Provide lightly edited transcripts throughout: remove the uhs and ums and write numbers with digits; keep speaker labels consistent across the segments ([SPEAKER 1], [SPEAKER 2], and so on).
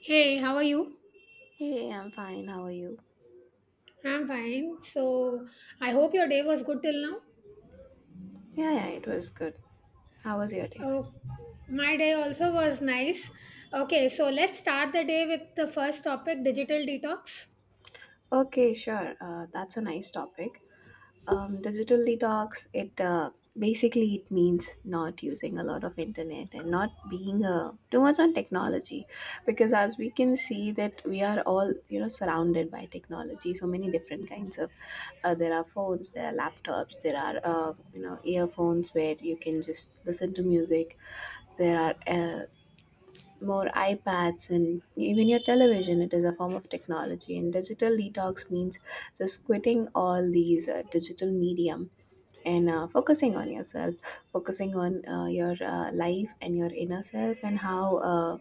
[SPEAKER 1] Hey, how are you?
[SPEAKER 2] Hey, I'm fine. How are you?
[SPEAKER 1] I'm fine. I hope your day was good till now.
[SPEAKER 2] Yeah, yeah, it was good. How was your day?
[SPEAKER 1] Oh, my day also was nice. Okay, so let's start the day with the first topic digital detox.
[SPEAKER 2] Okay, sure. That's a nice topic. Digital detox. It basically it means not using a lot of internet and not being too much on technology, because as we can see that we are all surrounded by technology. So many different kinds of. There are phones. There are laptops. There are earphones where you can just listen to music. There are More iPads and even your television. It is a form of technology, and digital detox means just quitting all these digital medium, and focusing on yourself, focusing on your life and your inner self, and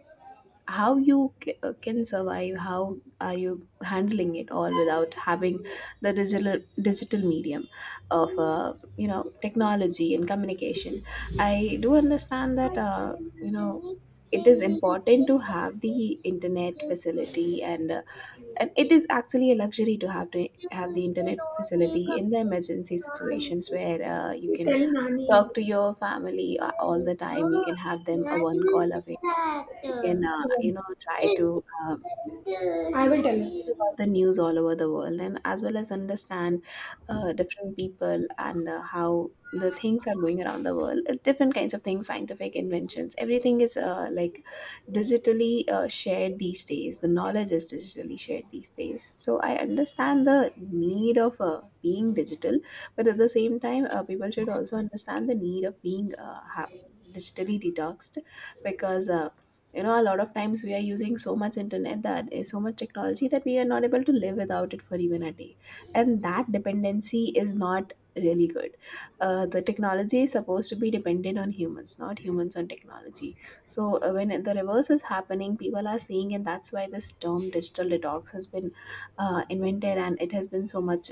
[SPEAKER 2] how you can survive, how are you handling it all without having the digital medium of technology and communication. I do understand that you know it is important to have the internet facility, and it is actually a luxury to have the internet facility in the emergency situations where you can
[SPEAKER 1] Tell Nani.
[SPEAKER 2] talk to your family all the time, you can have them a one call away, you can
[SPEAKER 1] She won't.
[SPEAKER 2] try to
[SPEAKER 1] I will tell her.
[SPEAKER 2] read about the news all over the world, and as well as understand different people, and how the things are going around the world, different kinds of things, scientific inventions, everything is like digitally shared these days, the knowledge is digitally shared these days. So I understand the need of being digital, but at the same time people should also understand the need of being digitally detoxed, because a lot of times we are using so much internet, that is so much technology, that we are not able to live without it for even a day, and that dependency is not really good. The technology is supposed to be dependent on humans, not humans on technology. So when the reverse is happening, people are seeing, and that's why this term digital detox has been invented, and it has been so much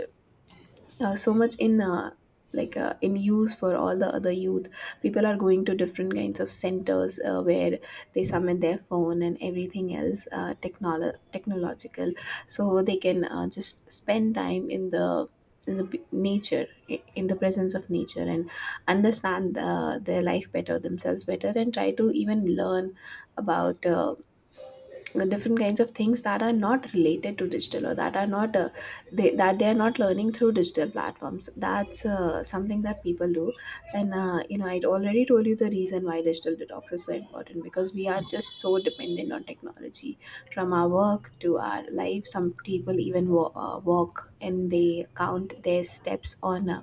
[SPEAKER 2] uh, so much in in use for all the other youth. People are going to different kinds of centers where they submit their phone and everything else, technological, so they can just spend time in the nature, in the presence of nature, and understand their life better, themselves better, and try to even learn about different kinds of things that are not related to digital, or that are not that they are not learning through digital platforms. That's something that people do, and I already told you the reason why digital detox is so important, because we are just so dependent on technology, from our work to our life. Some people even walk and they count their steps on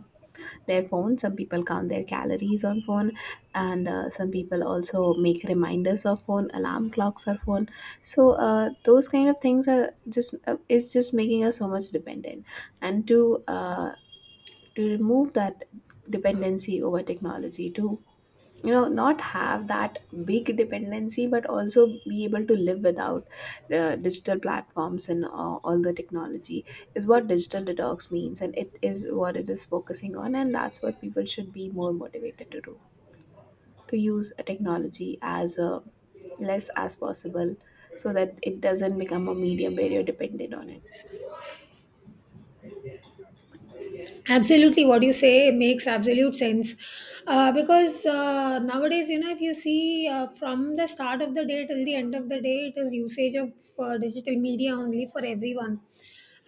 [SPEAKER 2] their phone, some people count their calories on phone, and some people also make reminders of phone, alarm clocks, or phone. So those kind of things are just is just making us so much dependent, and to remove that dependency over technology, to not have that big dependency, but also be able to live without digital platforms and all the technology, is what digital detox means, and it is what it is focusing on, and that's what people should be more motivated to do, to use a technology as less as possible, so that it doesn't become a medium where you're dependent on it.
[SPEAKER 1] Absolutely, what you say makes absolute sense. Because nowadays, you know, if you see from the start of the day till the end of the day, it is usage of digital media only for everyone.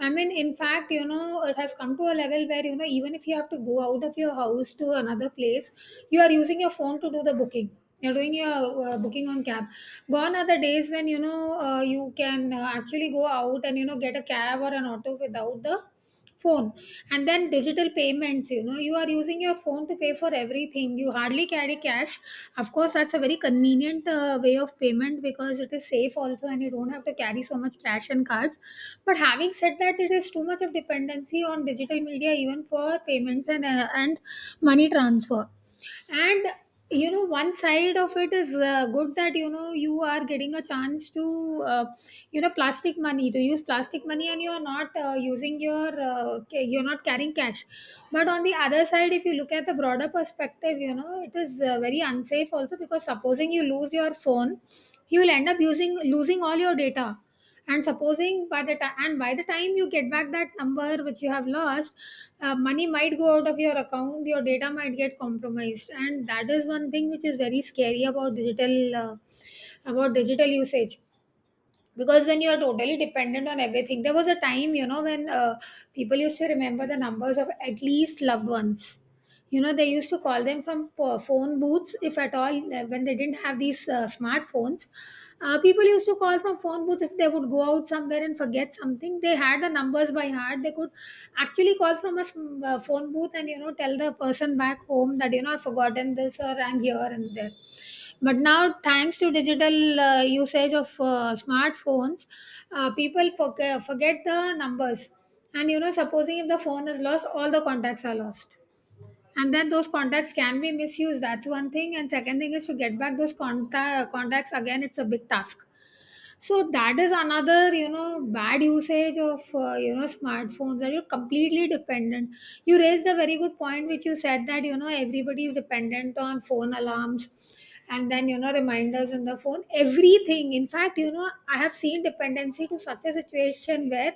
[SPEAKER 1] I mean, in fact, you know, it has come to a level where, you know, even if you have to go out of your house to another place, you are using your phone to do the booking. You're doing your booking on cab. Gone are the days when, you know, you can actually go out and, you know, get a cab or an auto without the phone. And then digital payments, you know, you are using your phone to pay for everything, you hardly carry cash. Of course, that's a very convenient way of payment because it is safe also, and you don't have to carry so much cash and cards. But having said that, it is too much of dependency on digital media even for payments and and money transfer. And you know, one side of it is good that, you know, you are getting a chance to, you know, plastic money, to use plastic money, and you are not using your you're not carrying cash. But on the other side, if you look at the broader perspective, you know, it is very unsafe also, because supposing you lose your phone, you will end up using losing all your data. And supposing by the time you get back that number which you have lost, money might go out of your account, your data might get compromised. And that is one thing which is very scary about digital usage. Because when you are totally dependent on everything, there was a time, you know, when people used to remember the numbers of at least loved ones. You know, they used to call them from phone booths, if at all, when they didn't have these smartphones. People used to call from phone booths if they would go out somewhere and forget something. They had the numbers by heart, they could actually call from a phone booth and, you know, tell the person back home that, you know, I've forgotten this, or I'm here and there. But now, thanks to digital usage of smartphones, people forget the numbers. And you know, supposing if the phone is lost, all the contacts are lost. And then those contacts can be misused, that's one thing. And second thing is, to get back those contacts again, it's a big task. So that is another, you know, bad usage of you know, smartphones, that you're completely dependent. You raised a very good point, which you said that, you know, everybody is dependent on phone alarms, and then, you know, reminders in the phone, everything. In fact, you know, I have seen dependency to such a situation where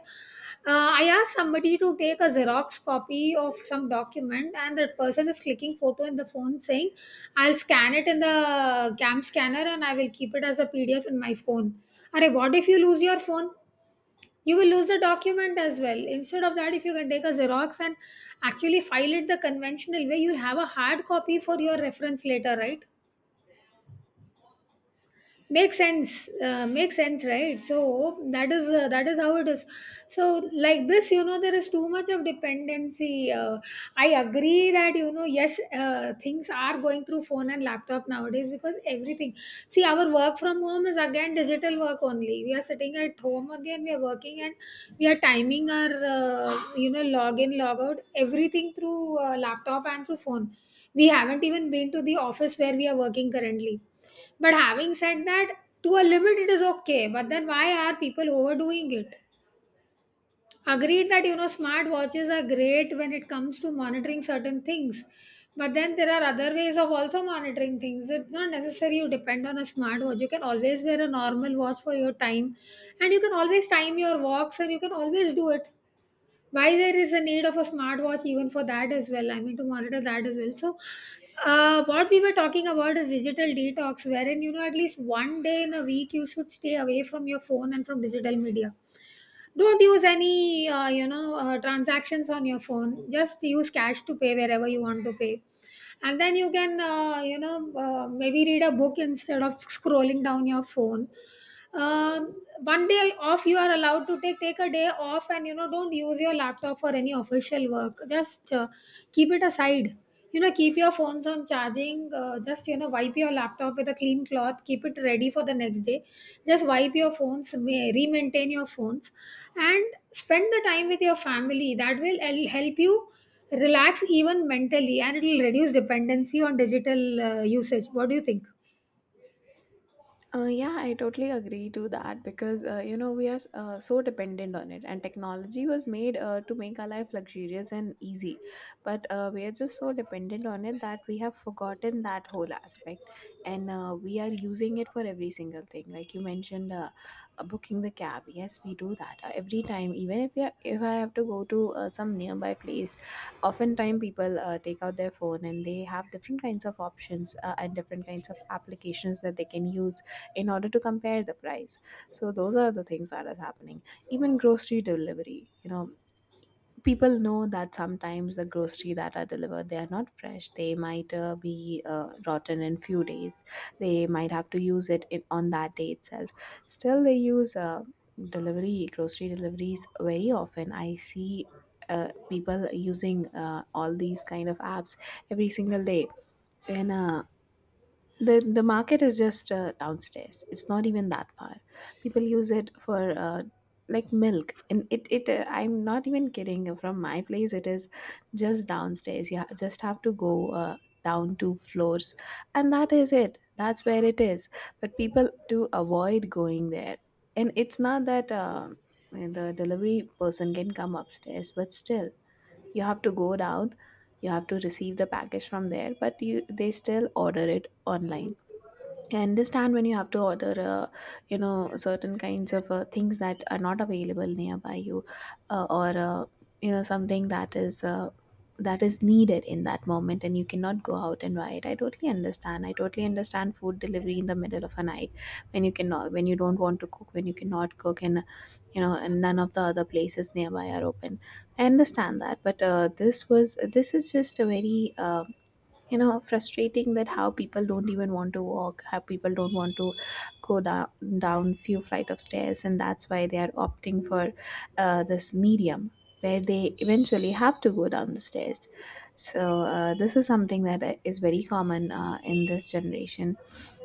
[SPEAKER 1] I asked somebody to take a Xerox copy of some document, and that person is clicking photo in the phone saying, I'll scan it in the CAM scanner and I will keep it as a PDF in my phone. Arey, what if you lose your phone? You will lose the document as well. Instead of that, if you can take a Xerox and actually file it the conventional way, you'll have a hard copy for your reference later, right? Makes sense, makes sense, right? So that is, that is how it is. So like this, you know, there is too much of dependency. I agree that, you know, yes, things are going through phone and laptop nowadays, because everything, see, our work from home is again digital work only. We are sitting at home only and we are working, and we are timing our, you know, log in, log out, everything through laptop and through phone. We haven't even been to the office where we are working currently. But having said that, to a limit it is okay. But then why are people overdoing it? Agreed that, you know, smart watches are great when it comes to monitoring certain things. But then there are other ways of also monitoring things. It's not necessary you depend on a smart watch. You can always wear a normal watch for your time, and you can always time your walks, and you can always do it. Why there is a need of a smartwatch even for that as well, I mean, to monitor that as well? So what we were talking about is digital detox, wherein, you know, at least 1 day in a week you should stay away from your phone and from digital media. Don't use any, you know, transactions on your phone, just use cash to pay wherever you want to pay. And then you can, you know, maybe read a book instead of scrolling down your phone. um, 1 day off, you are allowed to take a day off, and you know, don't use your laptop for any official work, just keep it aside. You know, keep your phones on charging, just, you know, wipe your laptop with a clean cloth, keep it ready for the next day. Just wipe your phones, re-maintain your phones, and spend the time with your family. That will help you relax even mentally, and it will reduce dependency on digital usage. What do you think?
[SPEAKER 2] Yeah, I totally agree to that, because we are so dependent on it, and technology was made to make our life luxurious and easy, but we are just so dependent on it that we have forgotten that whole aspect, and we are using it for every single thing. Like you mentioned, booking the cab. Yes, we do that every time. Even if we are, if I have to go to some nearby place, oftentimes people take out their phone, and they have different kinds of options and different kinds of applications that they can use in order to compare the price. So those are the things that is happening. Even grocery delivery, people know that sometimes the grocery that are delivered, they are not fresh, they might be rotten in few days, they might have to use it in, on that day itself, still they use delivery grocery deliveries very often. I see people using all these kind of apps every single day, and the market is just downstairs. It's not even that far. People use it for like milk, and it it. I'm not even kidding. From my place, it is just downstairs. You just have to go uh, down 2 floors, and that is it. That's where it is. But people to avoid going there, and it's not that the delivery person can come upstairs, but still you have to go down. You have to receive the package from there, but you they still order it online. I understand when you have to order, certain kinds of things that are not available nearby you, uh, or uh, something that is needed in that moment, and you cannot go out and buy it. I totally understand. I totally understand food delivery in the middle of a night when you cannot, when you don't want to cook, when you cannot cook, and and none of the other places nearby are open. I understand that, but this is just a very frustrating, that how people don't even want to walk, how people don't want to go down few flight of stairs, and that's why they are opting for this medium where they eventually have to go down the stairs. So this is something that is very common in this generation.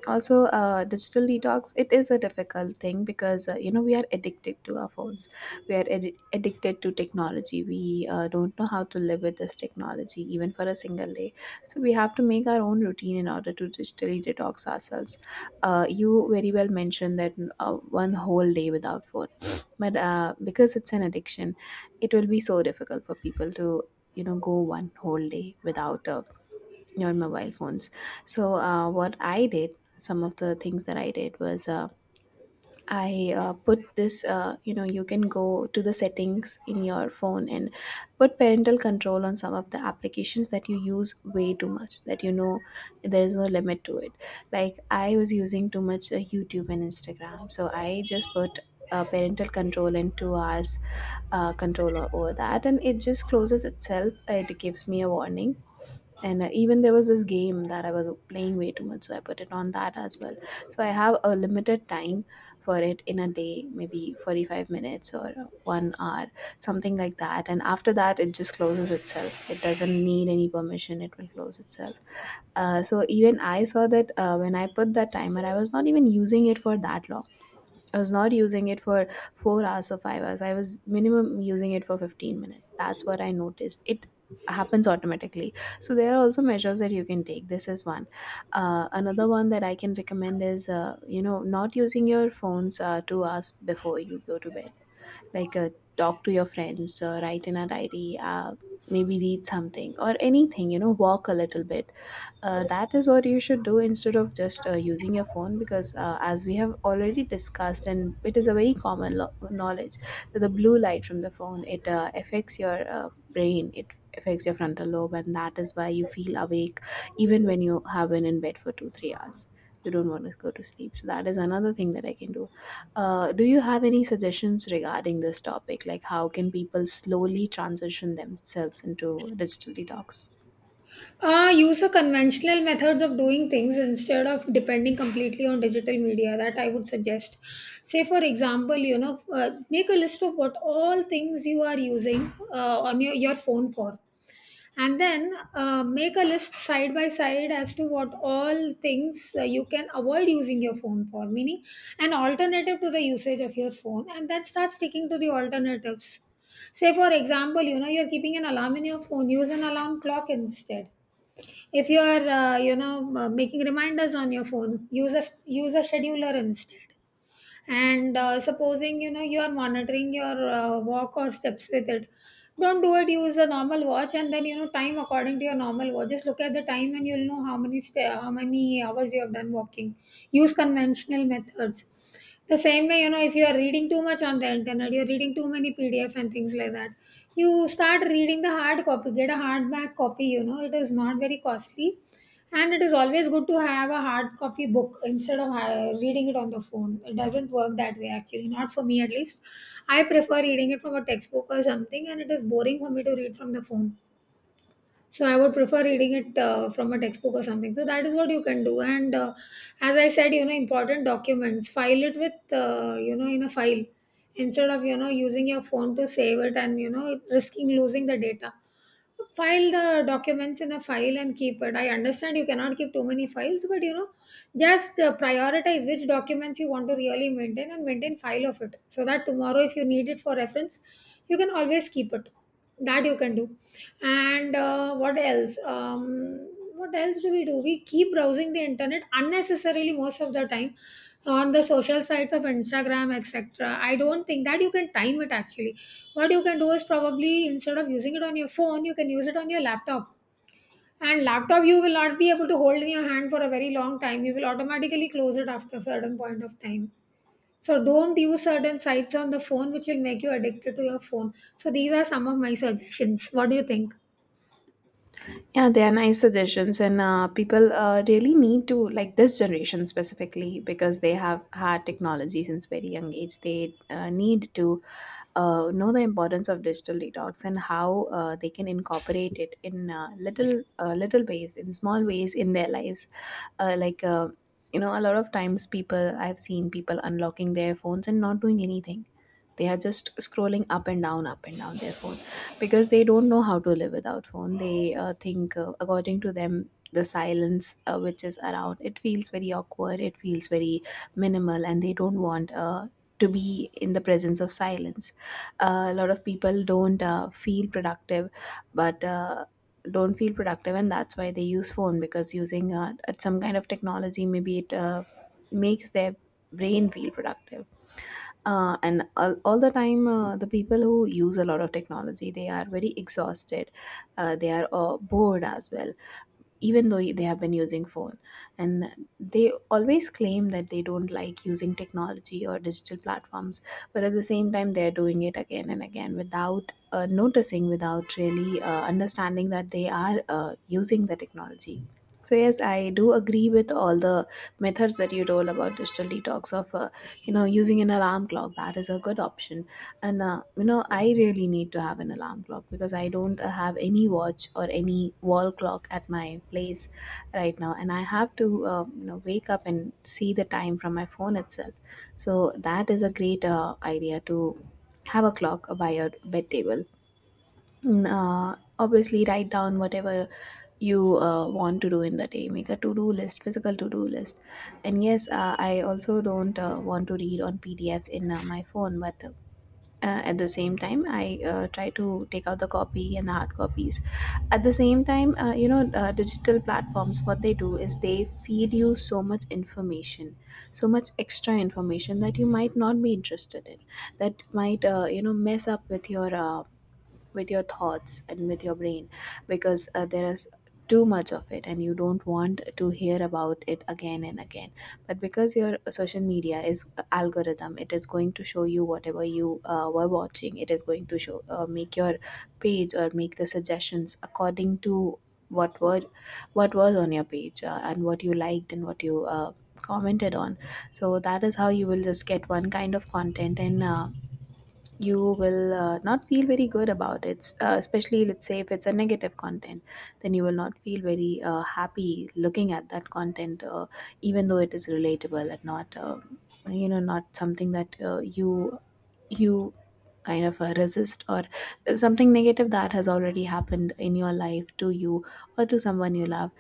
[SPEAKER 2] Also digital detox, it is a difficult thing, because we are addicted to our phones, we are addicted to technology. We don't know how to live with this technology even for a single day, so we have to make our own routine in order to digitally detox ourselves. You very well mentioned that uh, one whole day without phone, but because it's an addiction, it will be so difficult for people to go one whole day without a on mobile phones. So what I did, some of the things that I did was I put this. You can go to the settings in your phone and put parental control on some of the applications that you use way too much. That there is no limit to it. Like I was using too much YouTube and Instagram, so I just put. Parental control and 2 hours control over that, and it just closes itself, it gives me a warning, and even there was this game that I was playing way too much, so I put it on that as well. So I have a limited time for it in a day, maybe 45 minutes or 1 hour, something like that, and after that it just closes itself, it doesn't need any permission, it will close itself. So even I saw that when I put that timer, I was not even using it for that long. I was not using it for 4 hours or 5 hours. I was minimum using it for 15 minutes. That's what I noticed. It happens automatically. So there are also measures that you can take. This is one. Another one that I can recommend is, not using your phones 2 hours before you go to bed. Like talk to your friends, write in a diary, maybe read something or anything, walk a little bit. That is what you should do instead of just using your phone, because as we have already discussed, and it is a very common knowledge that the blue light from the phone, it affects your brain, it affects your frontal lobe, and that is why you feel awake even when you have been in bed for 2 3 hours, you don't want to go to sleep. So that is another thing that I can do. Do you have any suggestions regarding this topic, like how can people slowly transition themselves into digital detox?
[SPEAKER 1] Use the conventional methods of doing things instead of depending completely on digital media, that I would suggest. Say, for example, you know, make a list of what all things you are using on your phone for, and then make a list side by side as to what all things you can avoid using your phone for, meaning an alternative to the usage of your phone, and then start sticking to the alternatives. Say, for example, you know, you're keeping an alarm in your phone, use an alarm clock instead. If you are, you know, making reminders on your phone, use a scheduler instead. And supposing, you know, you are monitoring your walk or steps with it, don't do it. Use a normal watch, and then, you know, time according to your normal watch. Just look at the time, and you'll know how many sta how many hours you have done walking. Use conventional methods. The same way, you know, if you are reading too much on the internet, you're reading too many PDF and things like that, you start reading the hard copy. Get a hardback copy, you know, it is not very costly, and it is always good to have a hard copy book instead of reading it on the phone. It doesn't work that way, actually, not for me at least. I prefer reading it from a textbook or something, and it is boring for me to read from the phone. So I would prefer reading it from a textbook or something. So that is what you can do. And as I said, you know, important documents, file it with, you know, in a file instead of, you know, using your phone to save it and, you know, risking losing the data. File the documents in a file and keep it. I understand you cannot keep too many files, but, you know, just prioritize which documents you want to really maintain, and maintain file of it, so that tomorrow if you need it for reference, you can always keep it. That you can do. And what else, what else do we do? We keep browsing the internet unnecessarily most of the time on the social sites of Instagram, etc. I don't think that you can time it, actually. What you can do is, probably, instead of using it on your phone, you can use it on your laptop. And laptop, you will not be able to hold in your hand for a very long time, you will automatically close it after a certain point of time. So don't use certain sites on the phone which will make you addicted to your phone. So these are some of my suggestions. What do you think?
[SPEAKER 2] Yeah, they are nice suggestions, and people really need to, like, this generation specifically, because they have had technology since very young age. They need to know the importance of digital detox and how they can incorporate it in little ways, in small ways in their lives. Like, a lot of times people, I've seen people unlocking their phones and not doing anything. They are just scrolling up and down their phone, because they don't know how to live without phone. They think, according to them, the silence which is around, it feels very awkward, it feels very minimal, and they don't want to be in the presence of silence. A lot of people don't feel productive, but don't feel productive, and that's why they use phone, because using some kind of technology, maybe it makes their brain feel productive. And all the time, the people who use a lot of technology, they are very exhausted. They are bored as well, even though they have been using phone, and they always claim that they don't like using technology or digital platforms, but at the same time they're doing it again and again without noticing, without really understanding that they are using the technology. So yes, I do agree with all the methods that you told about digital detox, of you know, using an alarm clock. That is a good option. And you know, I really need to have an alarm clock, because I don't have any watch or any wall clock at my place right now, and I have to you know, wake up and see the time from my phone itself. So that is a great idea to have a clock by your bed table. And obviously, write down whatever you want to do in the day. Make a to do list, physical to do list. And yes, I also don't want to read on PDF in my phone, but at the same time, I try to take out the copy and the hard copies. At the same time, digital platforms, what they do is they feed you so much information, so much extra information that you might not be interested in, that might mess up with your thoughts and with your brain, because there is too much of it, and you don't want to hear about it again and again. But because your social media is algorithm, it is going to show you whatever you were watching. It is going to show make your page, or make the suggestions according to what were what was on your page, and what you liked and what you commented on. So that is how you will just get one kind of content, and you will not feel very good about it, especially, let's say, if it's a negative content. Then you will not feel very happy looking at that content, even though it is relatable, and not not something that you kind of resist, or something negative that has already happened in your life, to you or to someone you love.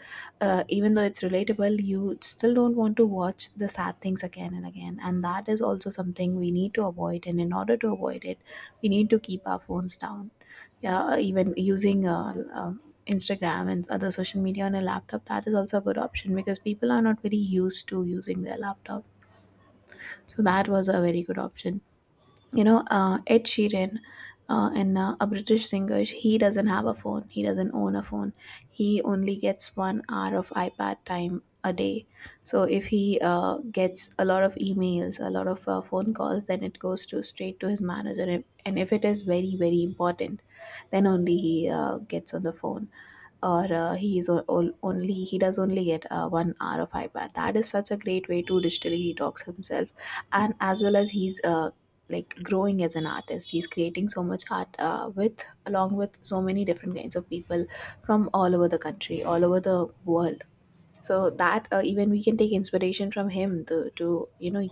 [SPEAKER 2] Even though it's relatable, you still don't want to watch the sad things again and again, and that is also something we need to avoid. And in order to avoid it, we need to keep our phones down. Yeah, even using Instagram and other social media on a laptop, that is also a good option, because people are not very used to using their laptop. So that was a very good option. You know, Ed Sheeran, and a British singer, he doesn't have a phone, he doesn't own a phone. He only gets 1 hour of iPad time a day. So if he gets a lot of emails, a lot of phone calls, then it goes to straight to his manager, and if it is very very important, then only he gets on the phone. Or he is o- ol- only he does only get 1 hour of iPad. That is such a great way to digitally detox himself, and as well as he's growing as an artist. He's creating so much art, with so many different kinds of people from all over the country, all over the world. So that, even we can take inspiration from him to, you know,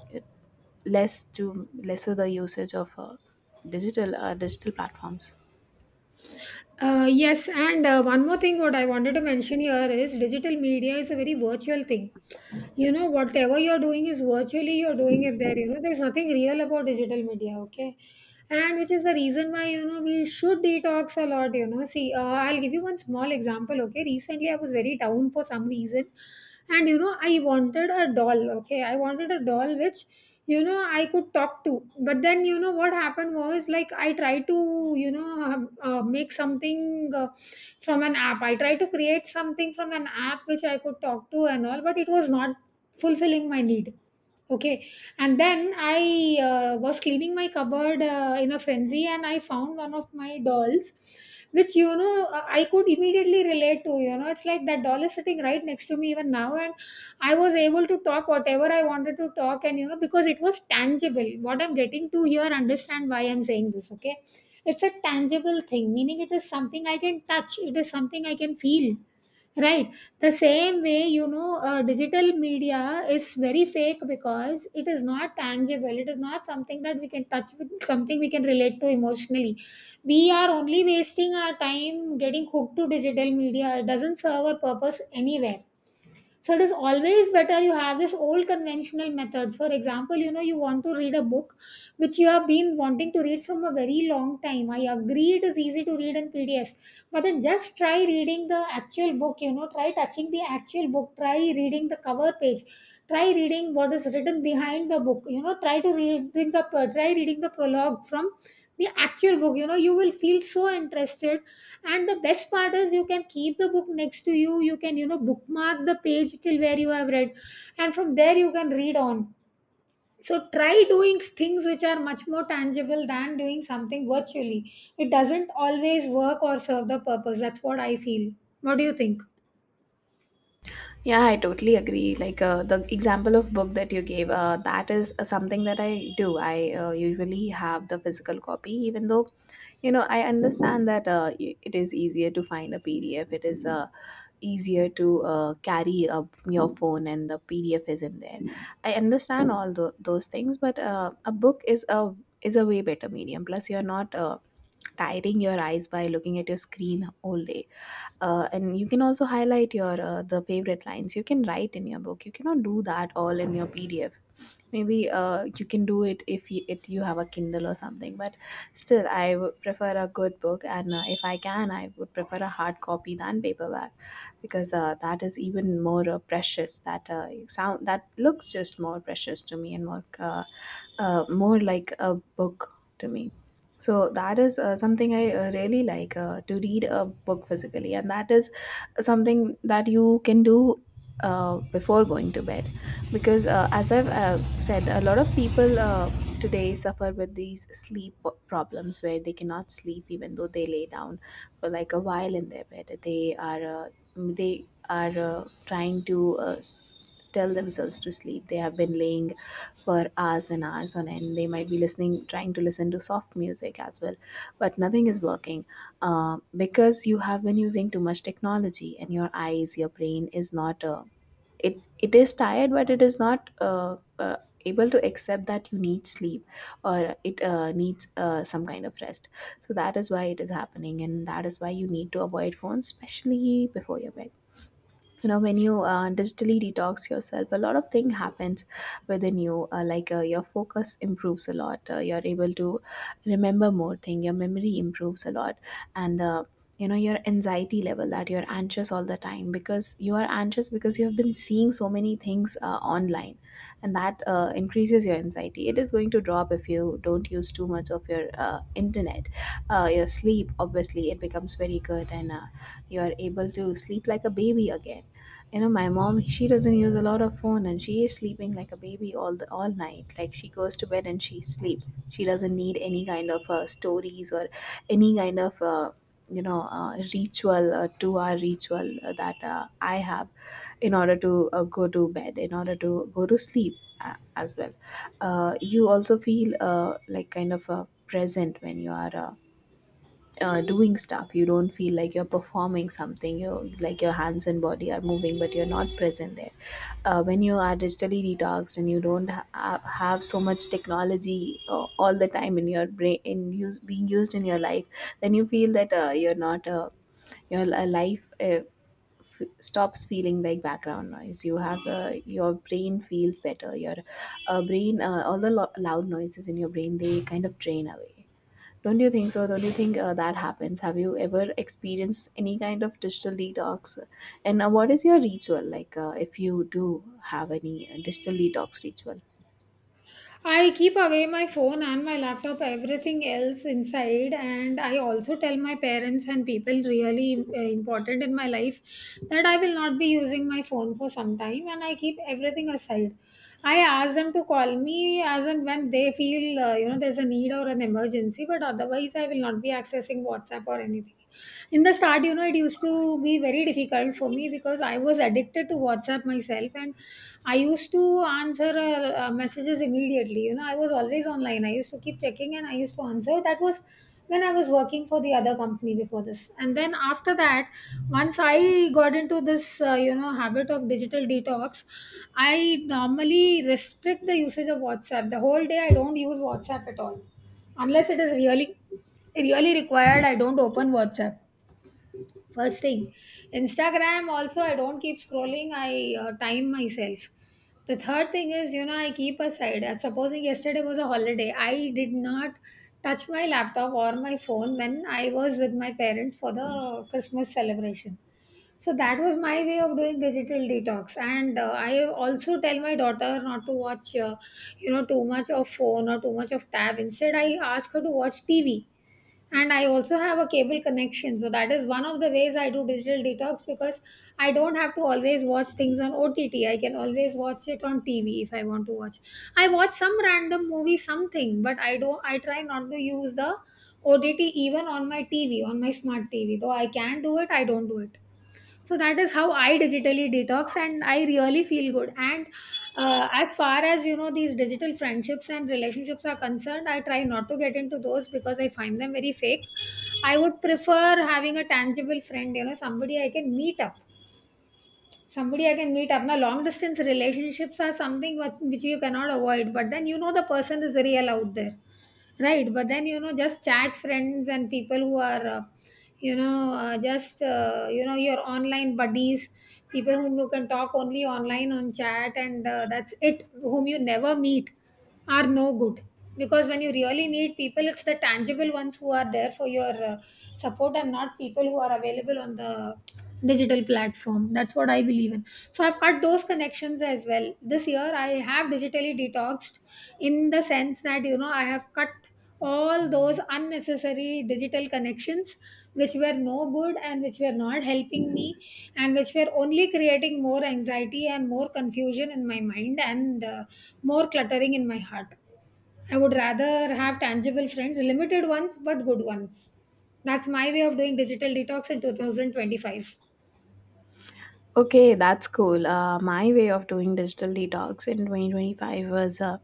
[SPEAKER 2] lesser the usage of digital platforms.
[SPEAKER 1] Yes, and one more thing, what I wanted to mention here is, digital media is a very virtual thing. You know, whatever you're doing is virtually, you're doing it there. You know, there's nothing real about digital media, okay? And which is the reason why, you know, we should detox a lot, you know. See, I'll give you one small example, okay? Recently, I was very down for some reason. And, you know, I wanted a doll, okay? I wanted a doll which, you know, I could talk to. But then, you know, what happened was, like, I tried to, make something, from an app. I tried to create something from an app which I could talk to and all, but it was not fulfilling my need, okay? And then I was cleaning my cupboard in a frenzy, and I found one of my dolls which, you know, I could immediately relate to. You know, it's like that doll is sitting right next to me even now. And I was able to talk whatever I wanted to talk, and you know, because it was tangible. What I'm getting to here, understand why I'm saying this, okay? It's a tangible thing, meaning it is something I can touch, it is something I can feel, right? The same way, you know, digital media is very fake because it is not tangible, it is not something that we can touch with, something we can relate to emotionally. We are only wasting our time getting hooked to digital media, it doesn't serve a purpose anywhere. So it is always better you have this old conventional methods. For example, you know, you want to read a book which you have been wanting to read from a very long time. I agree it is easy to read in PDF, but then just try reading the actual book, you know, try touching the actual book, try reading the cover page. Try reading what is written behind the book. You know, try reading the prologue from the actual book. You know, you will feel so interested. And the best part is, you can keep the book next to you, you can, you know, bookmark the page till where you have read, and from there you can read on. So try doing things which are much more tangible than doing something virtually. It doesn't always work or serve the purpose, that's what I feel. What do you think?
[SPEAKER 2] Yeah, I totally agree. Like, the example of book that you gave, that is something that I do. I usually have the physical copy, even though, you know, I understand that it is easier to find a PDF. It is easier to carry up your phone, and the PDF is in there. I understand those things, but a book is a way better medium. Plus, you're not tiring your eyes by looking at your screen all day. And you can also highlight your the favorite lines. You can write in your book. You cannot do that all in your PDF. Maybe you can do it if you have a Kindle or something, but still I would prefer a good book. And if I can, I would prefer a hard copy than paperback, because that is even more precious. That sound, that looks just more precious to me, and more more like a book to me. So that is something I really like, to read a book physically, and that is something that you can do before going to bed, because as I've said, a lot of people today suffer with these sleep problems, where they cannot sleep even though they lay down for like a while in their bed. They are trying to tell themselves to sleep. They have been laying for hours and hours on end. They might be listening, trying to listen to soft music as well, but nothing is working, because you have been using too much technology, and your eyes, your brain is not it it is tired, but it is not able to accept that you need sleep, or it needs some kind of rest. So that is why it is happening, and that is why you need to avoid phones, especially before your bed. You know, when you digitally detox yourself, a lot of thing happens within you, your focus improves a lot. You're able to remember more thing, your memory improves a lot. And you know, your anxiety level, that you're anxious all the time, because you are anxious because you have been seeing so many things online, and that increases your anxiety, it is going to drop if you don't use too much of your internet. Your sleep, obviously, it becomes very good, and you are able to sleep like a baby again. You know, my mom, she doesn't use a lot of phone, and she is sleeping like a baby all night, like she goes to bed and she sleep. She doesn't need any kind of stories or any kind of ritual, 2 hour ritual that I have, in order to go to bed, in order to go to sleep, as well. You also feel, like, kind of present when you are doing stuff. You don't feel like you're performing something. You like your hands and body are moving, but you're not present there. When you are digitally detoxed and you don't have so much technology all the time in your brain, in use, being used in your life, then you feel that you're not life stops feeling like background noise. You have your brain feels better. Your brain, loud noises in your brain, they kind of drain away. Don't you think so? Don't you think that happens? Have you ever experienced any kind of digital detox? And what is your ritual like, if you do have any digital detox ritual?
[SPEAKER 1] I keep away my phone and my laptop, everything else inside. And I also tell my parents and people really important in my life that I will not be using my phone for some time, and I keep everything aside. I ask them to call me as and when they feel, you know, there's a need or an emergency, but otherwise I will not be accessing WhatsApp or anything. In the start, you know, it used to be very difficult for me because I was addicted to WhatsApp myself, and I used to answer messages immediately. You know, I was always online, I used to keep checking and I used to answer. That was when I was working for the other company before this. And then after that, once I got into this you know, habit of digital detox, I normally restrict the usage of WhatsApp. The whole day I don't use WhatsApp at all, unless it is really really required. I don't open WhatsApp first thing. Instagram also, I don't keep scrolling, I time myself. The third thing is, you know, I keep aside. I'm supposing yesterday was a holiday, I did not touch my laptop or my phone when I was with my parents for the Christmas celebration. So that was my way of doing digital detox. And I also tell my daughter not to watch, you know, too much of phone or too much of tab. Instead, I ask her to watch TV. And I also have a cable connection, so that is one of the ways I do digital detox, because I don't have to always watch things on OTT, I can always watch it on TV. If I want to watch, I watch some random movie, something, but I don't, I try not to use the OTT even on my TV, on my smart TV. Though I can do it, I don't do it. So that is how I digitally detox, and I really feel good. And as far as, you know, these digital friendships and relationships are concerned, I try not to get into those because I find them very fake. I would prefer having a tangible friend, you know, somebody I can meet up, somebody I can meet up. Now long distance relationships are something which you cannot avoid, but then, you know, the person is real out there, right? But then, you know, just chat friends and people who are you know, just you know, your online buddies, people whom you can talk only online on chat, and that's it, whom you never meet, are no good. Because when you really need people, it's the tangible ones who are there for your support, and not people who are available on the digital platform. That's what I believe in. So I've cut those connections as well. This year I have digitally detoxed in the sense that, you know, I have cut all those unnecessary digital connections which were no good and which were not helping me, and which were only creating more anxiety and more confusion in my mind, and more cluttering in my heart. I would rather have tangible friends, limited ones, but good ones. That's my way of doing digital detox in 2025.
[SPEAKER 2] Okay, that's cool. My way of doing digital detox in 2025 was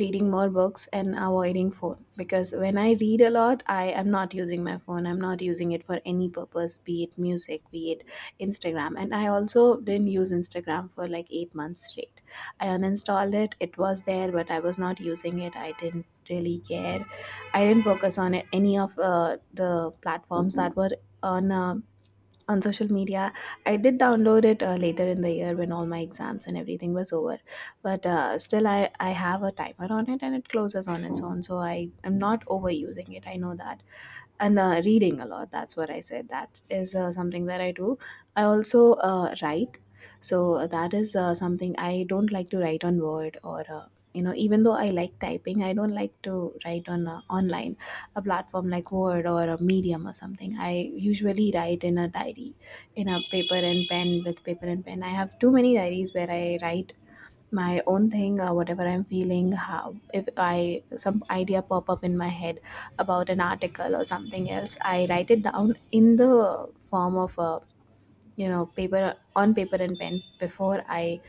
[SPEAKER 2] reading more books and avoiding phone, because when I read a lot, I am not using my phone. I'm not using it for any purpose, be it music, be it Instagram. And I also didn't use Instagram for like 8 months straight. I uninstalled it. It was there, but I was not using it. I didn't really care. I didn't focus on it, any of the platforms that were on uh, on social media. I did download it later in the year, when all my exams and everything was over, but still I have a timer on it, and it closes on its own, so I am not overusing it. I know that. And reading a lot, that's what I said, that is something that I do. I also write. So that is something. I don't like to write on Word, or you know, even though I like typing, I don't like to write on online, a platform like Word or a Medium or something. I usually write in a diary, in a paper and pen, with paper and pen. I have too many diaries where I write my own thing, or whatever I'm feeling. How, if I some idea pop up in my head about an article or something else, I write it down in the form of a, you know, paper, on paper and pen, before I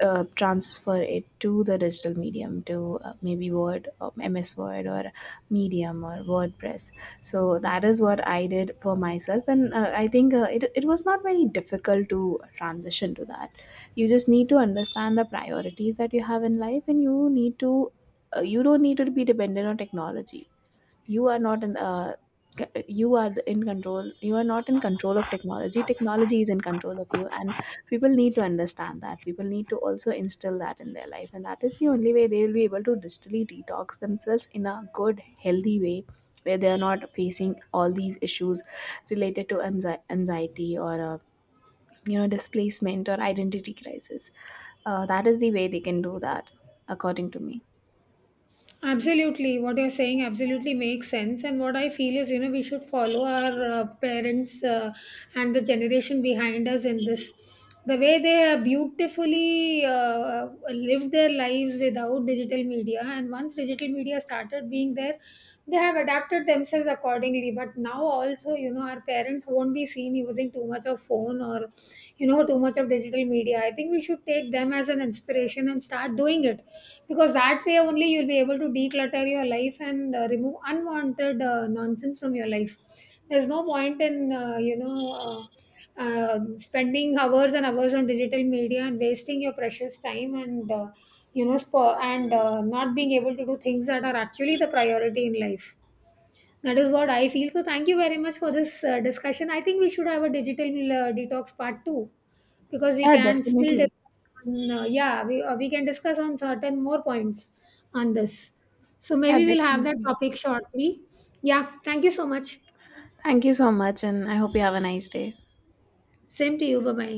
[SPEAKER 2] transfer it to the digital medium, to maybe Word or MS Word, or Medium or WordPress. So that is what I did for myself, and I think it was not very difficult to transition to that. You just need to understand the priorities that you have in life, and you need to you don't need to be dependent on technology. You are not in you are in control. You are not in control of technology, technology is in control of you. And people need to understand that. People need to also instill that in their life, and that is the only way they will be able to digitally detox themselves in a good, healthy way, where they are not facing all these issues related to anxiety, or you know, displacement or identity crisis. That is the way they can do that, according to me.
[SPEAKER 1] Absolutely, what you're saying absolutely makes sense. And what I feel is, you know, we should follow our parents and the generation behind us in this. The way they have beautifully lived their lives without digital media, and once digital media started being there, they have adapted themselves accordingly. But now, also, you know, our parents won't be seen using too much of phone or, you know, too much of digital media. I think we should take them as an inspiration and start doing it, because that way only you'll be able to declutter your life and remove unwanted nonsense from your life. There's no point in you know, spending hours and hours on digital media and wasting your precious time, and you know, spo- and not being able to do things that are actually the priority in life. That is what I feel. So thank you very much for this discussion. I think we should have a digital detox part 2, because we
[SPEAKER 2] Yeah,
[SPEAKER 1] can still
[SPEAKER 2] definitely.
[SPEAKER 1] on, yeah we can discuss on certain more points on this. So
[SPEAKER 2] Yeah,
[SPEAKER 1] maybe we'll have that
[SPEAKER 2] definitely.
[SPEAKER 1] topic shortly. Yeah, thank you so much.
[SPEAKER 2] Thank you so much, and I hope you have a nice day.
[SPEAKER 1] Same to you, bye bye.